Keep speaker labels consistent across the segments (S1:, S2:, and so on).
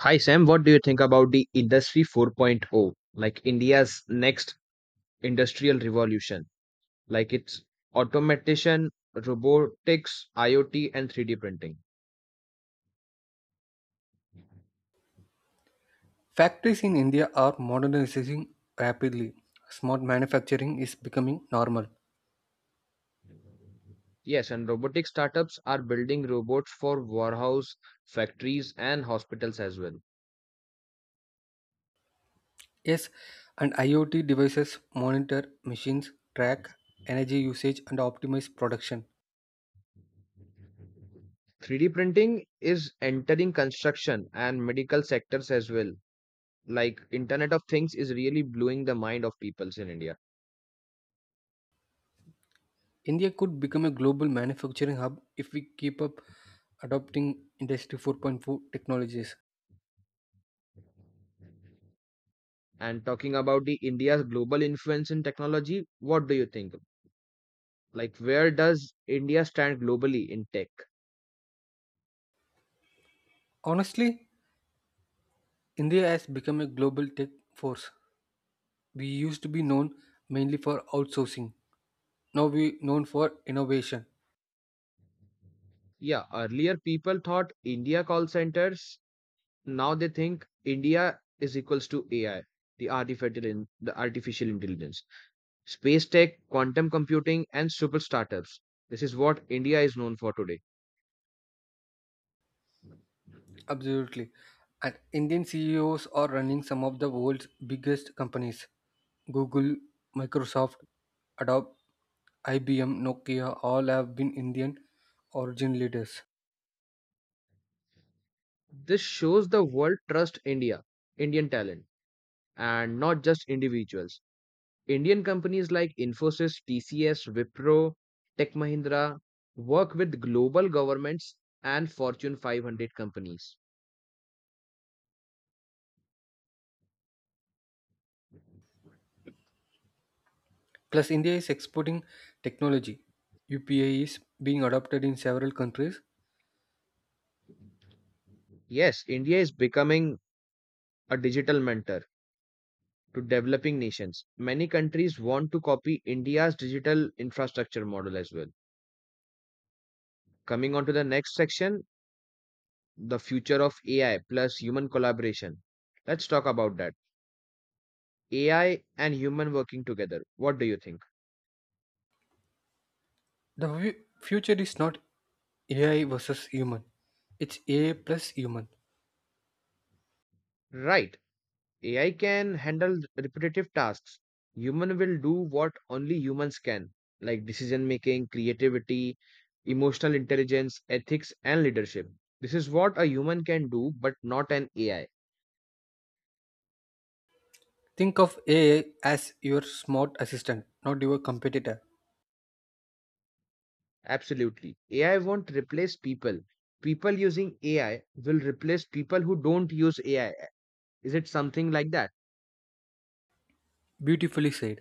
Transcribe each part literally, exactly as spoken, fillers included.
S1: Hi Sam, what do you think about the Industry 4.0, like India's next industrial revolution, like its automation, robotics, I o T, and three D printing?
S2: Factories in India are modernizing rapidly. Smart manufacturing is becoming normal.
S1: Yes, and robotic startups are building robots for warehouse, factories, and hospitals as well.
S2: Yes, and IoT devices monitor machines, track energy usage, and optimize production.
S1: three D printing is entering construction and medical sectors as well. Like Internet of Things is really blowing the mind of peoples in India.
S2: India could become a global manufacturing hub if we keep up adopting Industry four point four technologies.
S1: And talking about the India's global influence in technology, what do you think? Like, where does India stand globally in tech?
S2: Honestly, India has become a global tech force. We used to be known mainly for outsourcing. Now we known for innovation.
S1: Yeah, earlier people thought India call centers. Now they think India is equals to A I, the artificial in, the artificial intelligence, space tech, quantum computing, and super startups. This is what India is known for today.
S2: Absolutely. And Indian C E Os are running some of the world's biggest companies. Google, Microsoft, Adobe, I B M, Nokia all have been Indian origin leaders.
S1: This shows the world trust India, Indian talent, and not just individuals. Indian companies like Infosys, T C S, Wipro, Tech Mahindra work with global governments and Fortune five hundred companies.
S2: Plus, India is exporting technology. U P I is being adopted in several countries.
S1: Yes, India is becoming a digital mentor to developing nations. Many countries want to copy India's digital infrastructure model as well. Coming on to the next section, the future of A I plus human collaboration. Let's talk about that. A I and human working together. What do you think?
S2: The fu- future is not A I versus human, it's A I plus human.
S1: Right. A I can handle repetitive tasks. Human will do what only humans can, like decision making, creativity, emotional intelligence, ethics, and leadership. This is what a human can do, but not an A I.
S2: Think of A I as your smart assistant, not your competitor.
S1: Absolutely. A I won't replace people. People using A I will replace people who don't use A I. Is it something like that?
S2: Beautifully said.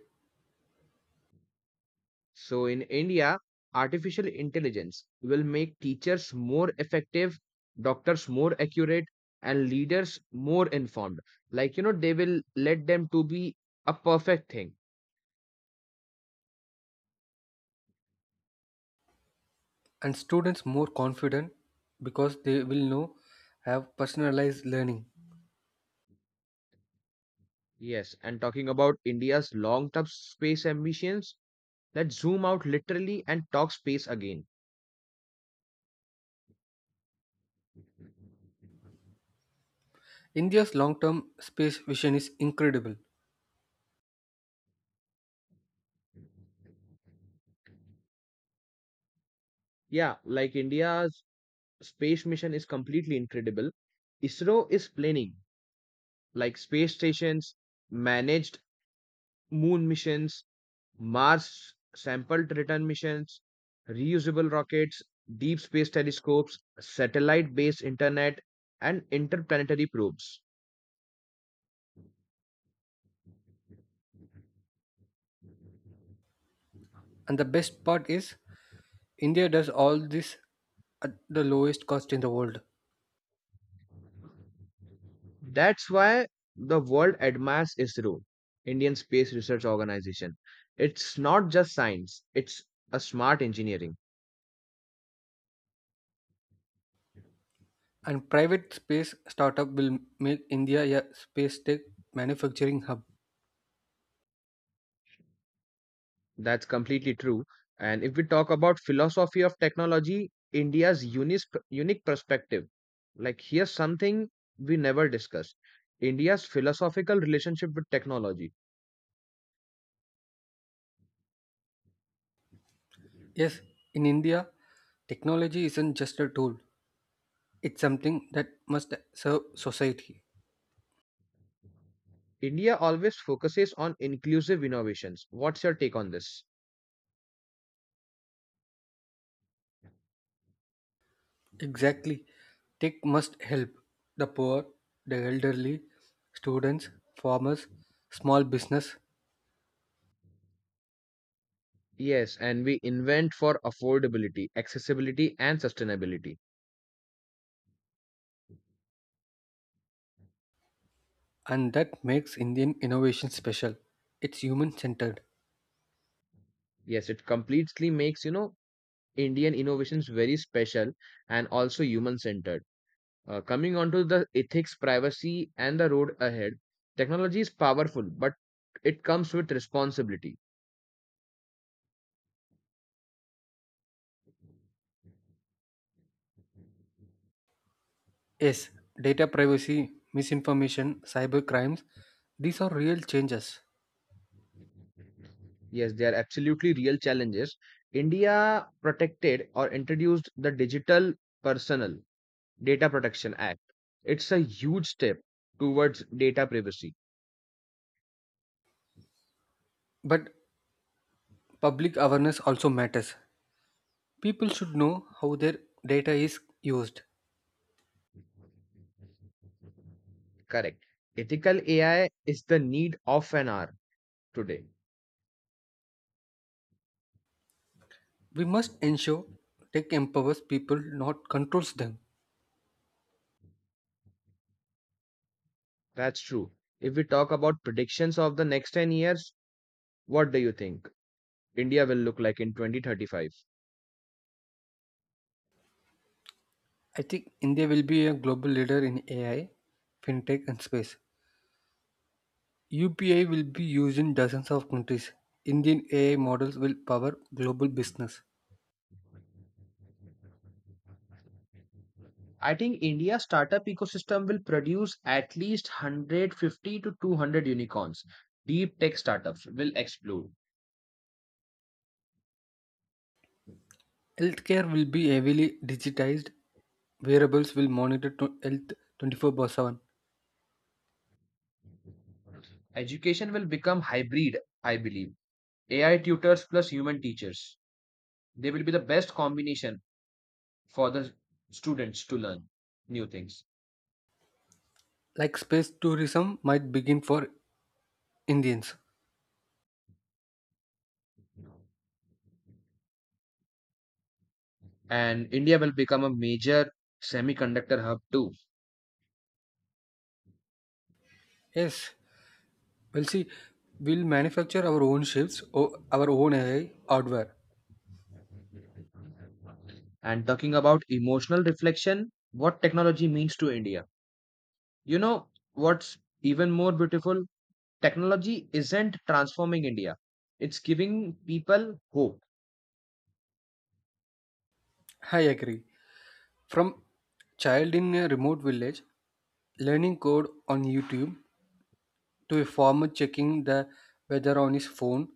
S1: So in India, artificial intelligence will make teachers more effective, doctors more accurate, and leaders more informed. Like, you know, they will let them to be a perfect thing.
S2: And students more confident because they will know have personalized learning.
S1: Yes, and talking about India's long-term space ambitions, let's zoom out literally and talk space again.
S2: India's long-term space vision is incredible,
S1: Yeah, like India's space mission is completely incredible. ISRO is planning like space stations, managed moon missions, Mars sample return missions, reusable rockets, deep space telescopes, satellite based internet, and interplanetary probes.
S2: and the best part is India does all this at the lowest cost in the world.
S1: That's why the world admires ISRO, Indian Space Research Organization. It's not just science, it's a smart engineering.
S2: And private space startup will make India a space tech manufacturing hub.
S1: That's completely true. And if we talk about philosophy of technology, India's unique unique perspective. Like here's something we never discussed. India's philosophical relationship with technology.
S2: Yes, in India, technology isn't just a tool; it's something that must serve society.
S1: India always focuses on inclusive innovations. What's your take on this?
S2: Exactly. Tech must help the poor, the elderly, students, farmers, small business,
S1: Yes, and we invent for affordability, accessibility, and sustainability.
S2: and that makes Indian innovation special. It's human centered.
S1: Yes, it completely makes, you know, Indian innovations very special and also human centered. Uh, coming on to the ethics, privacy, and the road ahead, technology is powerful, but it comes with responsibility.
S2: Yes, data privacy, misinformation, cyber crimes, these are real changes.
S1: Yes, they are absolutely real challenges. India protected or introduced the Digital Personal Data Protection Act. It's a huge step towards data privacy.
S2: But public awareness also matters. People should know how their data is used.
S1: Correct. Ethical A I is the need of an hour today.
S2: We must ensure tech empowers people, not controls them.
S1: That's true. If we talk about predictions of the next ten years, what do you think India will look like in twenty thirty-five?
S2: I think India will be a global leader in A I, fintech, and space. U P I will be used in dozens of countries. Indian A I models will power global business.
S1: I think India's startup ecosystem will produce at least one hundred fifty to two hundred unicorns. Deep tech startups will explode.
S2: Healthcare will be heavily digitized. Wearables will monitor to health twenty-four seven.
S1: Education will become hybrid, I believe. A I tutors plus human teachers. They will be the best combination for the students to learn new things.
S2: Like space tourism might begin for Indians.
S1: And India will become a major semiconductor hub too.
S2: Yes, we'll see. We'll manufacture our own ships or our own A I hardware.
S1: And talking about emotional reflection, what technology means to India. You know what's even more beautiful? Technology isn't transforming India, it's giving people hope.
S2: I agree. From child in a remote village learning code on YouTube to a farmer checking the weather on his phone,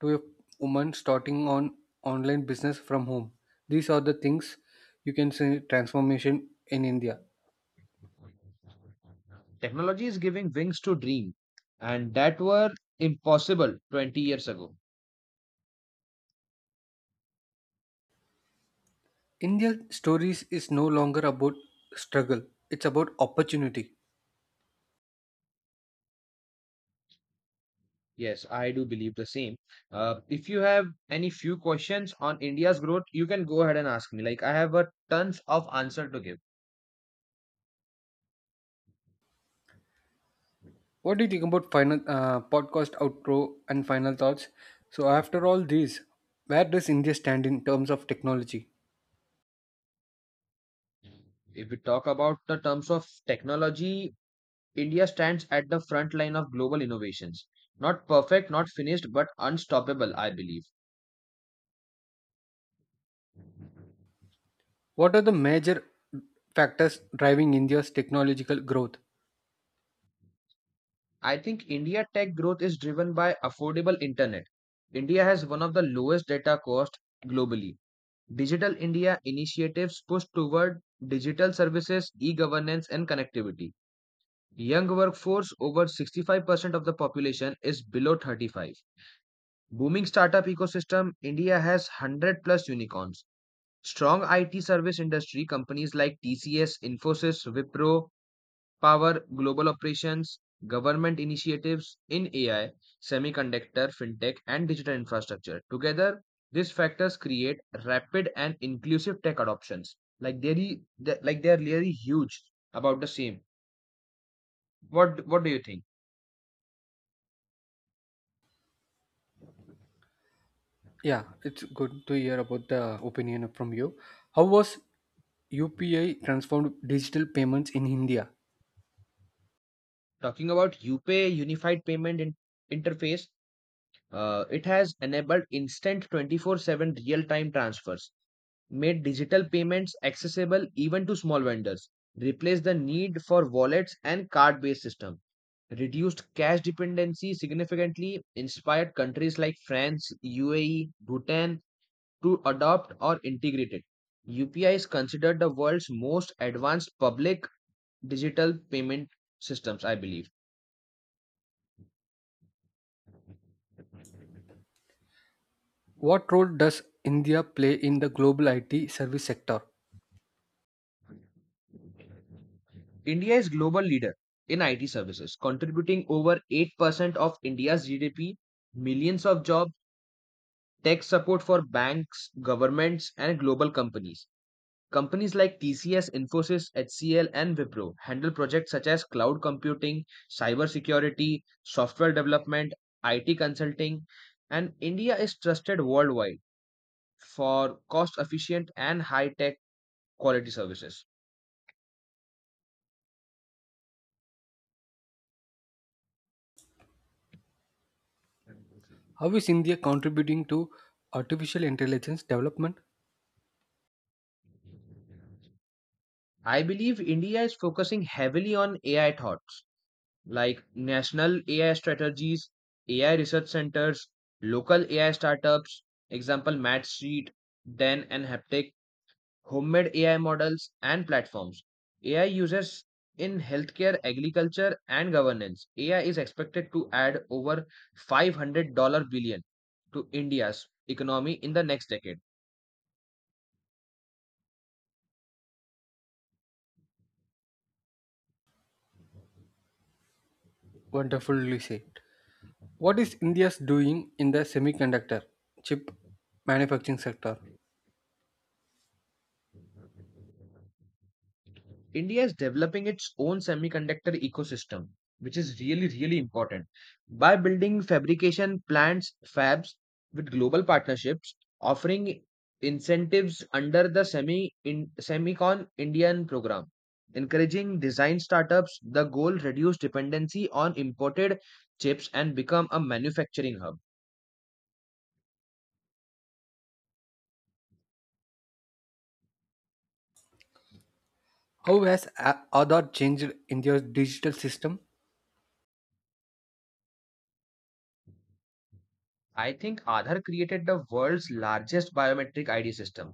S2: to a woman starting on online business from home. These are the things you can say transformation in India.
S1: Technology is giving wings to dream, and that were impossible twenty years ago.
S2: India stories is no longer about struggle; it's about opportunity.
S1: Yes, I do believe the same. Uh, if you have any few questions on India's growth, you can go ahead and ask me. Like I have a tons of answer to give.
S2: What do you think about final uh, podcast outro and final thoughts? So after all these, where does India stand in terms of technology?
S1: If we talk about the terms of technology, India stands at the front line of global innovations. Not perfect, not finished, but unstoppable, I believe.
S2: What are the major factors driving India's technological growth?
S1: I think India tech growth is driven by affordable internet. India has one of the lowest data cost globally. Digital India initiatives push toward digital services, e-governance and connectivity. Young workforce over sixty-five percent of the population is below thirty-five. Booming startup ecosystem, India has one hundred plus unicorns. Strong I T service industry companies like T C S, Infosys, Wipro, power, global operations, government initiatives in A I, semiconductor, fintech, and digital infrastructure. Together, these factors create rapid and inclusive tech adoptions. Like they're re- they- like they are really huge about the same. What what do you think?
S2: Yeah, it's good to hear about the opinion from you. How was U P I transformed digital payments in India?
S1: Talking about UPay Unified Payment in- Interface, uh, it has enabled instant twenty-four seven real-time transfers made digital payments accessible even to small vendors, replaced the need for wallets and card based system, reduced cash dependency significantly, inspired countries like France, U A E, Bhutan to adopt or integrate it. U P I is considered the world's most advanced public digital payment systems, I believe.
S2: What role does India play in the global I T service sector?
S1: India is global leader in I T services, contributing over eight percent of India's G D P, millions of jobs tech support for banks, governments, and global companies. Companies like T C S, Infosys, H C L, and Wipro handle projects such as cloud computing, cybersecurity, software development, I T consulting, and India is trusted worldwide for cost efficient and high tech quality services.
S2: How is India contributing to artificial intelligence development?
S1: I believe India is focusing heavily on A I thoughts like national A I strategies, A I research centers, local A I startups, example Matsheet, Den and Haptic, homemade A I models and platforms. A I users in healthcare, agriculture and governance. A I is expected to add over five hundred dollar billion to India's economy in the next decade.
S2: Wonderfully said. What is India's doing in the semiconductor chip manufacturing sector?
S1: India is developing its own semiconductor ecosystem, which is really, really important. By building fabrication plants, fabs with global partnerships, offering incentives under the Semi in, Semicon Indian program, encouraging design startups, the goal reduce dependency on imported chips and become a manufacturing hub.
S2: How has a- Aadhaar changed India's digital system?
S1: I think Aadhaar created the world's largest biometric I D system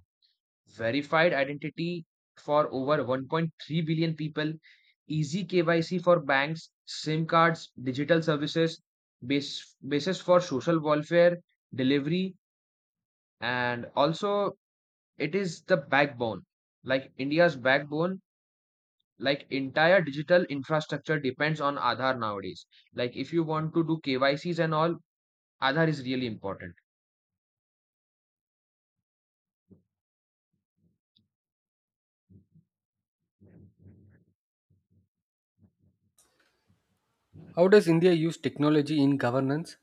S1: verified identity for over one point three billion people, easy K Y C for banks, SIM cards, digital services, base, basis for social welfare delivery, and also it is the backbone, like India's backbone. Like entire digital infrastructure depends on Aadhaar nowadays. Like if you want to do K Y Cs and all, Aadhaar is really important.
S2: How does India use technology in governance?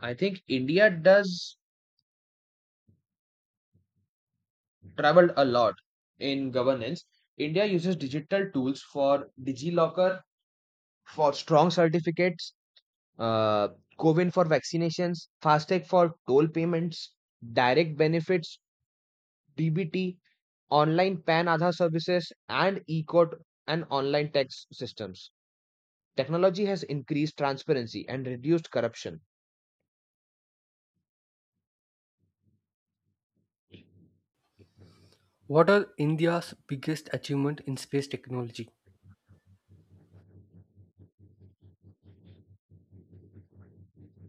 S1: I think India does traveled a lot in governance. India uses digital tools for DigiLocker for strong certificates, uh, Covin for vaccinations, FASTag for toll payments, direct benefits, D B T, online PAN Aadhaar services, and e-court and online tax systems. Technology has increased transparency and reduced corruption.
S2: What are India's biggest achievement in space technology?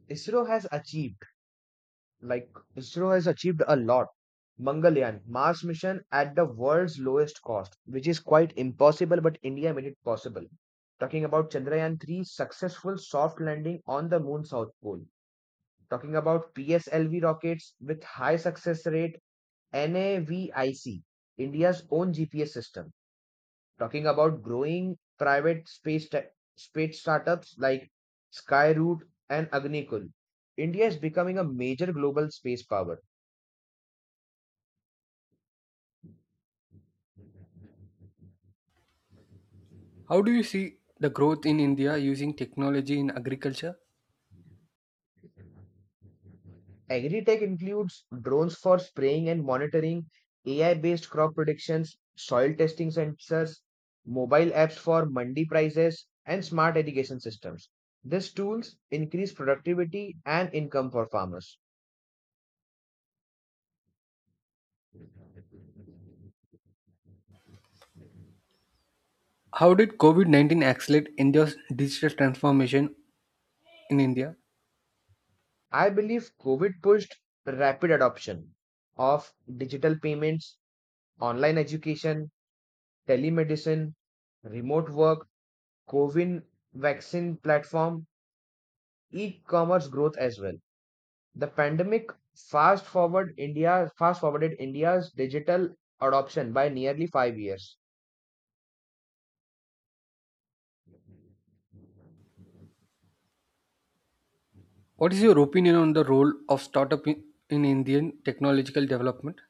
S1: ISRO has achieved Like ISRO has achieved a lot. Mangalyaan Mars mission at the world's lowest cost, which is quite impossible, but India made it possible. Talking about Chandrayaan three successful soft landing on the moon south pole. Talking about P S L V rockets with high success rate, NAVIC, India's own G P S system. Talking about growing private space tech space startups like Skyroot and Agnikul. India is becoming a major global space power.
S2: How do you see the growth in India using technology in agriculture?
S1: Agri-tech includes drones for spraying and monitoring, A I-based crop predictions, soil testing sensors, mobile apps for mandi prices, and smart irrigation systems. These tools increase productivity and income for farmers.
S2: How did COVID nineteen accelerate India's digital transformation in India?
S1: I believe COVID pushed rapid adoption of digital payments, online education, telemedicine, remote work, COVID vaccine platform, e-commerce growth as well. The pandemic fast forward India fast forwarded India's digital adoption by nearly five years.
S2: What is your opinion on the role of startup in, in Indian technological development?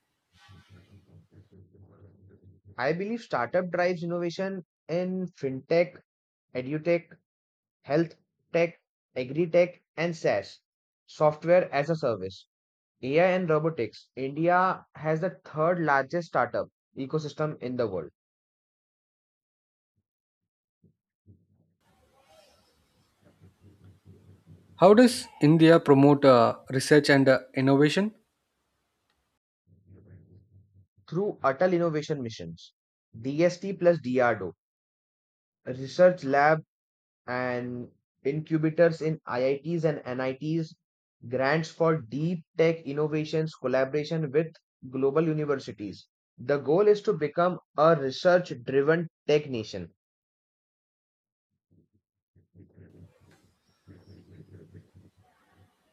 S1: I believe startup drives innovation in fintech, edutech, health tech, agri tech, and SaaS software as a service. A I and robotics. India has the third largest startup ecosystem in the world
S2: How does India promote uh, research and uh, innovation?
S1: through Atal Innovation Missions, D S T plus D R D O, research lab and incubators in I I Ts and N I Ts, grants for deep tech innovations, collaboration with global universities. The goal is to become a research driven tech nation.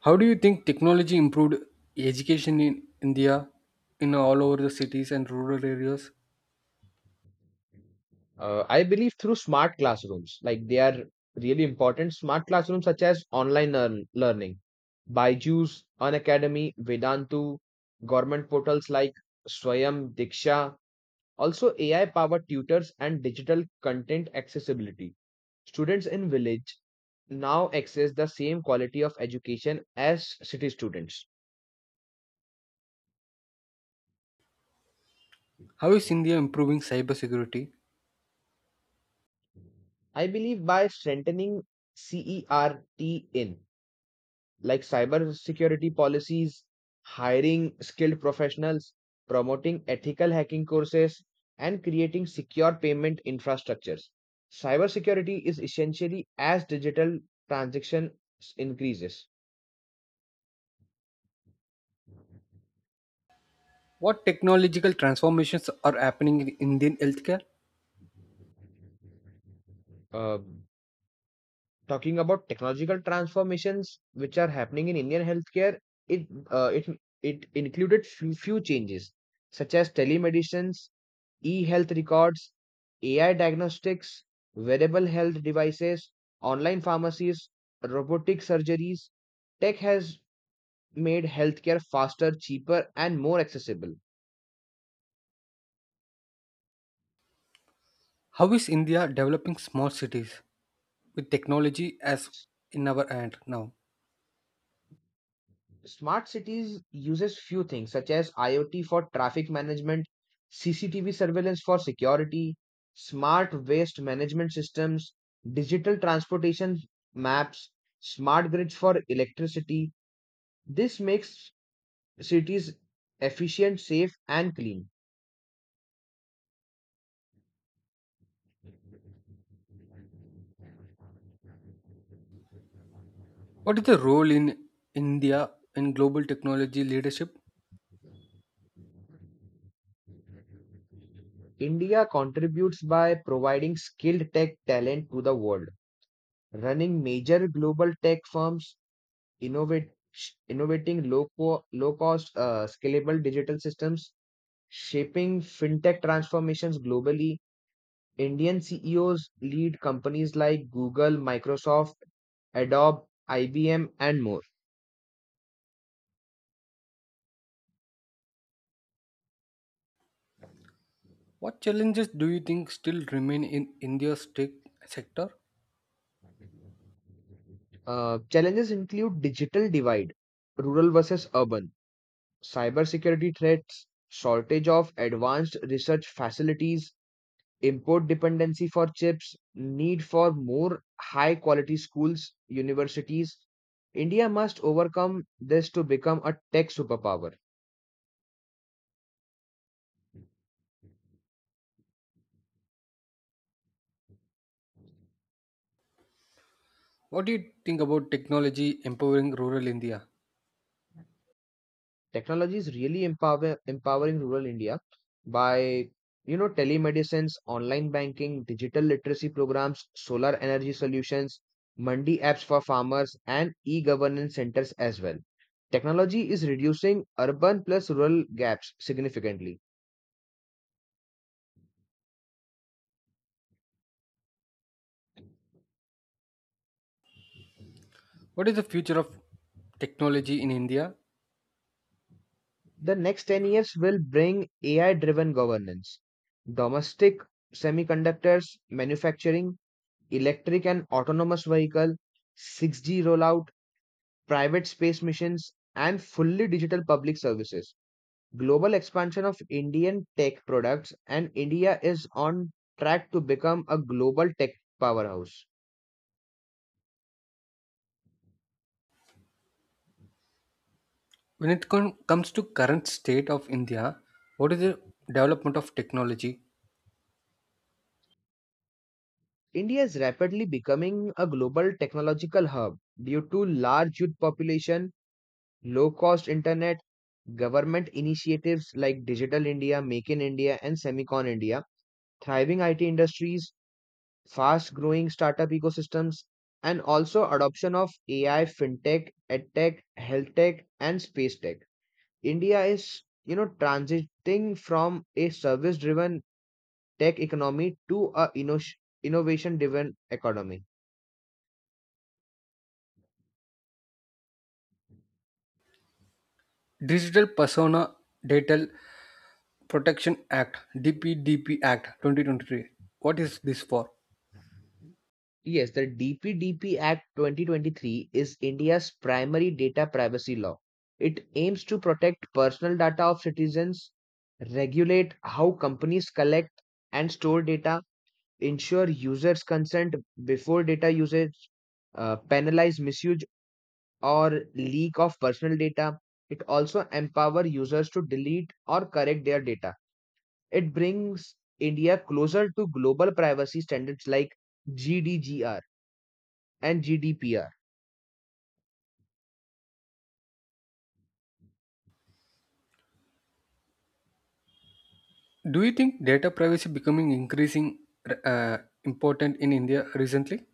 S2: How do you think technology improved education in India in all over the cities and rural areas?
S1: Uh, I believe through smart classrooms, like they are really important. Smart classrooms such as online learn- learning, Byju's, Unacademy, Vedantu, government portals like Swayam Diksha, also, A I powered tutors and digital content accessibility. Students in village now access the same quality of education as city students.
S2: How is India improving cybersecurity?
S1: I believe by strengthening CERT in like cyber security policies, hiring skilled professionals, promoting ethical hacking courses, and creating secure payment infrastructures. Cybersecurity is essentially as digital transactions increases.
S2: What technological transformations are happening in Indian healthcare?
S1: Uh, Talking about technological transformations which are happening in Indian healthcare, it uh, it it included few, few changes such as telemedicines, e-health records, A I diagnostics, wearable health devices, online pharmacies, robotic surgeries. Tech has made healthcare faster, cheaper, and more accessible.
S2: How is India developing small cities with technology as in our hand now?
S1: Smart cities uses few things such as I o T for traffic management, C C T V surveillance for security, smart waste management systems, digital transportation maps, smart grids for electricity. This makes cities efficient, safe and clean.
S2: What is the role in India in global technology leadership?
S1: India contributes by providing skilled tech talent to the world, running major global tech firms innovate, sh- innovating low, co- low cost, uh, scalable digital systems, shaping fintech transformations globally. Indian C E Os lead companies like Google, Microsoft, Adobe, I B M, and more.
S2: What challenges do you think still remain in India's tech sector?
S1: Uh, challenges include digital divide, rural versus urban, cybersecurity threats, shortage of advanced research facilities, import dependency for chips, need for more high quality schools, universities. India must overcome this to become a tech superpower.
S2: What do you think about technology empowering rural India?
S1: Technology is really empower, empowering rural India by you know telemedicines, online banking, digital literacy programs, solar energy solutions, mandi apps for farmers, and e-governance centers as well. Technology is reducing urban plus rural gaps significantly.
S2: What is the future of technology in India?
S1: The next ten years will bring A I driven governance, domestic semiconductors, manufacturing, electric and autonomous vehicle, six G rollout, private space missions, and fully digital public services. Global expansion of Indian tech products, and India is on track to become a global tech powerhouse.
S2: When it com- comes to current state of India, what is the development of technology
S1: India is rapidly becoming a global technological hub due to large youth population, low cost internet, government initiatives like Digital India, Make in India, and Semicon India, thriving I T industries, fast growing startup ecosystems, and also adoption of A I, fintech, edtech, health tech, and space tech. India is, you know, transiting from a service driven tech economy to a innovation driven economy.
S2: Digital Persona Data Protection Act (D P D P Act) twenty twenty-three. What is this for?
S1: Yes, the D P D P Act twenty twenty-three is India's primary data privacy law. It aims to protect personal data of citizens, regulate how companies collect and store data, ensure users' consent before data usage, uh, penalize misuse or leak of personal data. It also empower users to delete or correct their data. It brings India closer to global privacy standards like G D P R and G D P R.
S2: Do you think data privacy becoming increasing uh, important in India recently?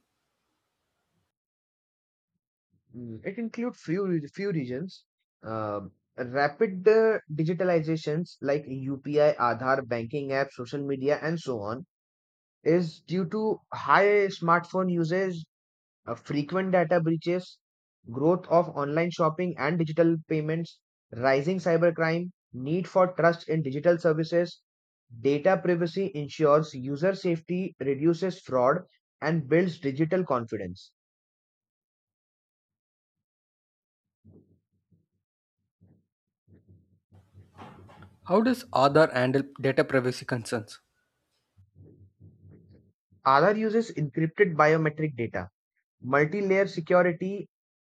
S1: Mm, it includes few re- few regions. Um, Rapid uh, digitalizations like U P I, Aadhaar, banking apps, social media, and so on is due to high smartphone usage, uh, frequent data breaches, growth of online shopping and digital payments, rising cybercrime, need for trust in digital services. Data privacy ensures user safety, reduces fraud, and builds digital confidence.
S2: How does Aadhaar handle data privacy concerns?
S1: Aadhaar uses encrypted biometric data, multi-layer security,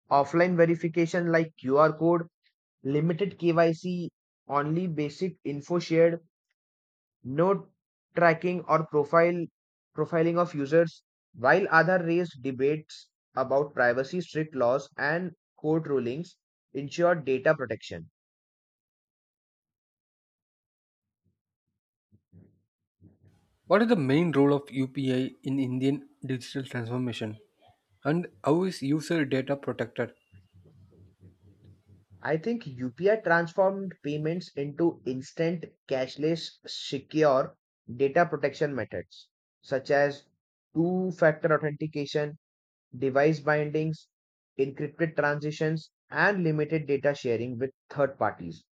S1: offline verification like Q R code, limited K Y C, only basic info shared, no tracking or profile profiling of users. While Aadhaar raised debates about privacy, strict laws and court rulings ensure data protection.
S2: What is the main role of U P I in Indian digital transformation? And how is user data protected?
S1: I think U P I transformed payments into instant, cashless, secure data protection methods such as two factor authentication, device bindings, encrypted transitions, and limited data sharing with third parties.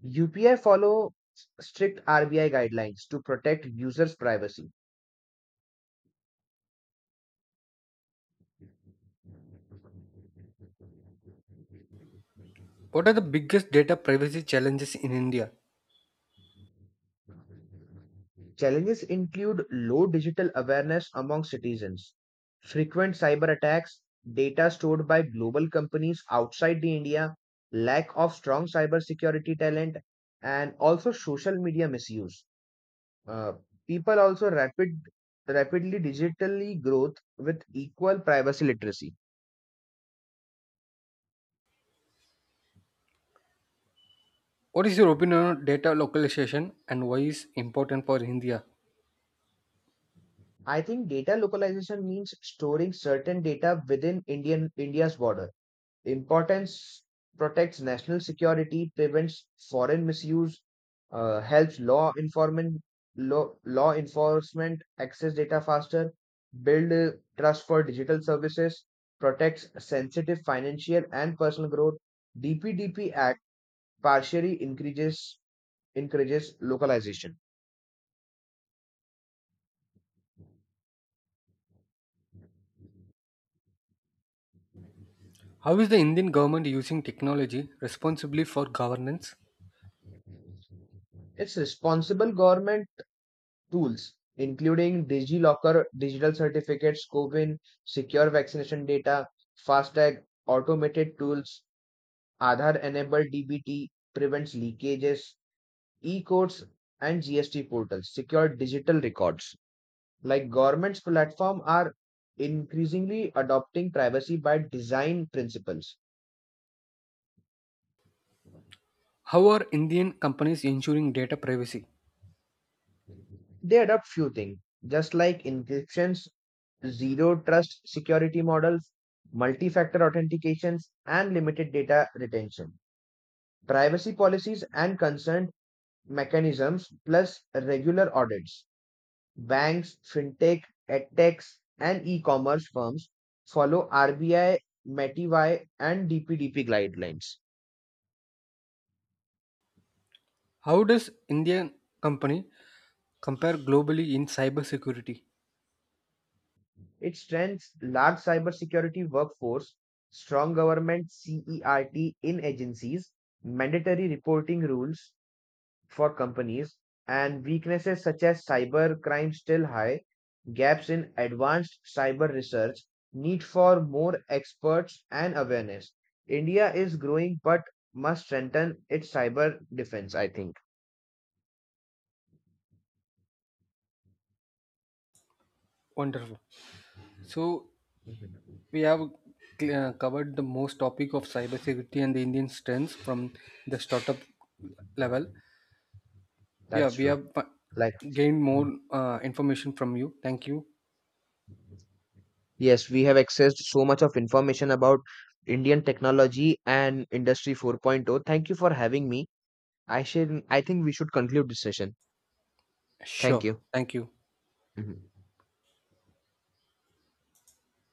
S1: U P I follow strict R B I guidelines to protect users' privacy.
S2: What are the biggest data privacy challenges in India?
S1: Challenges include low digital awareness among citizens, frequent cyber attacks, data stored by global companies outside the India, lack of strong cybersecurity talent, and also social media misuse. Uh, People also rapid rapidly digitally growth with equal privacy literacy.
S2: What is your opinion on data localization and why is important for India?
S1: I think data localization means storing certain data within Indian India's border. The importance protects national security, prevents foreign misuse, uh, helps law enforcement law, law enforcement access data faster, build uh, trust for digital services, protects sensitive financial and personal growth. D P D P Act partially increases encourages localization.
S2: How is the Indian government using technology responsibly for governance?
S1: Its responsible government tools, including DigiLocker digital certificates, Covin, secure vaccination data, FASTag, automated tools, Aadhaar-enabled D B T prevents leakages, e codes and G S T portals, secure digital records. Like government's platform are increasingly adopting privacy by design principles.
S2: How are Indian companies ensuring data privacy?
S1: They adopt few things, just like encryption, zero trust security models, multi-factor authentications, and limited data retention. Privacy policies and consent mechanisms plus regular audits. Banks, fintech, edtechs, and e-commerce firms follow R B I, M E T I Y, and D P D P guidelines.
S2: How does Indian company compare globally in cybersecurity?
S1: It strengthens large cybersecurity workforce, strong government CERT in agencies, mandatory reporting rules, for companies and weaknesses such as cyber crime still high, gaps in advanced cyber research, need for more experts and awareness. India is growing but must strengthen its cyber defense, I think.
S2: Wonderful. So
S1: Mhm.
S2: we have uh, covered the most topic of cybersecurity and the Indian strengths from the startup level. Yeah,
S1: That's
S2: we
S1: true.
S2: have uh,
S1: Like,
S2: gained more
S1: mm,
S2: uh, information from you. Thank you.
S1: yes, we have accessed so much of information about Indian technology and Industry 4.0. Thank you for having me. I should, I think we should conclude this session. Thank
S2: Sure.
S1: you.
S2: Thank you.
S1: Mhm.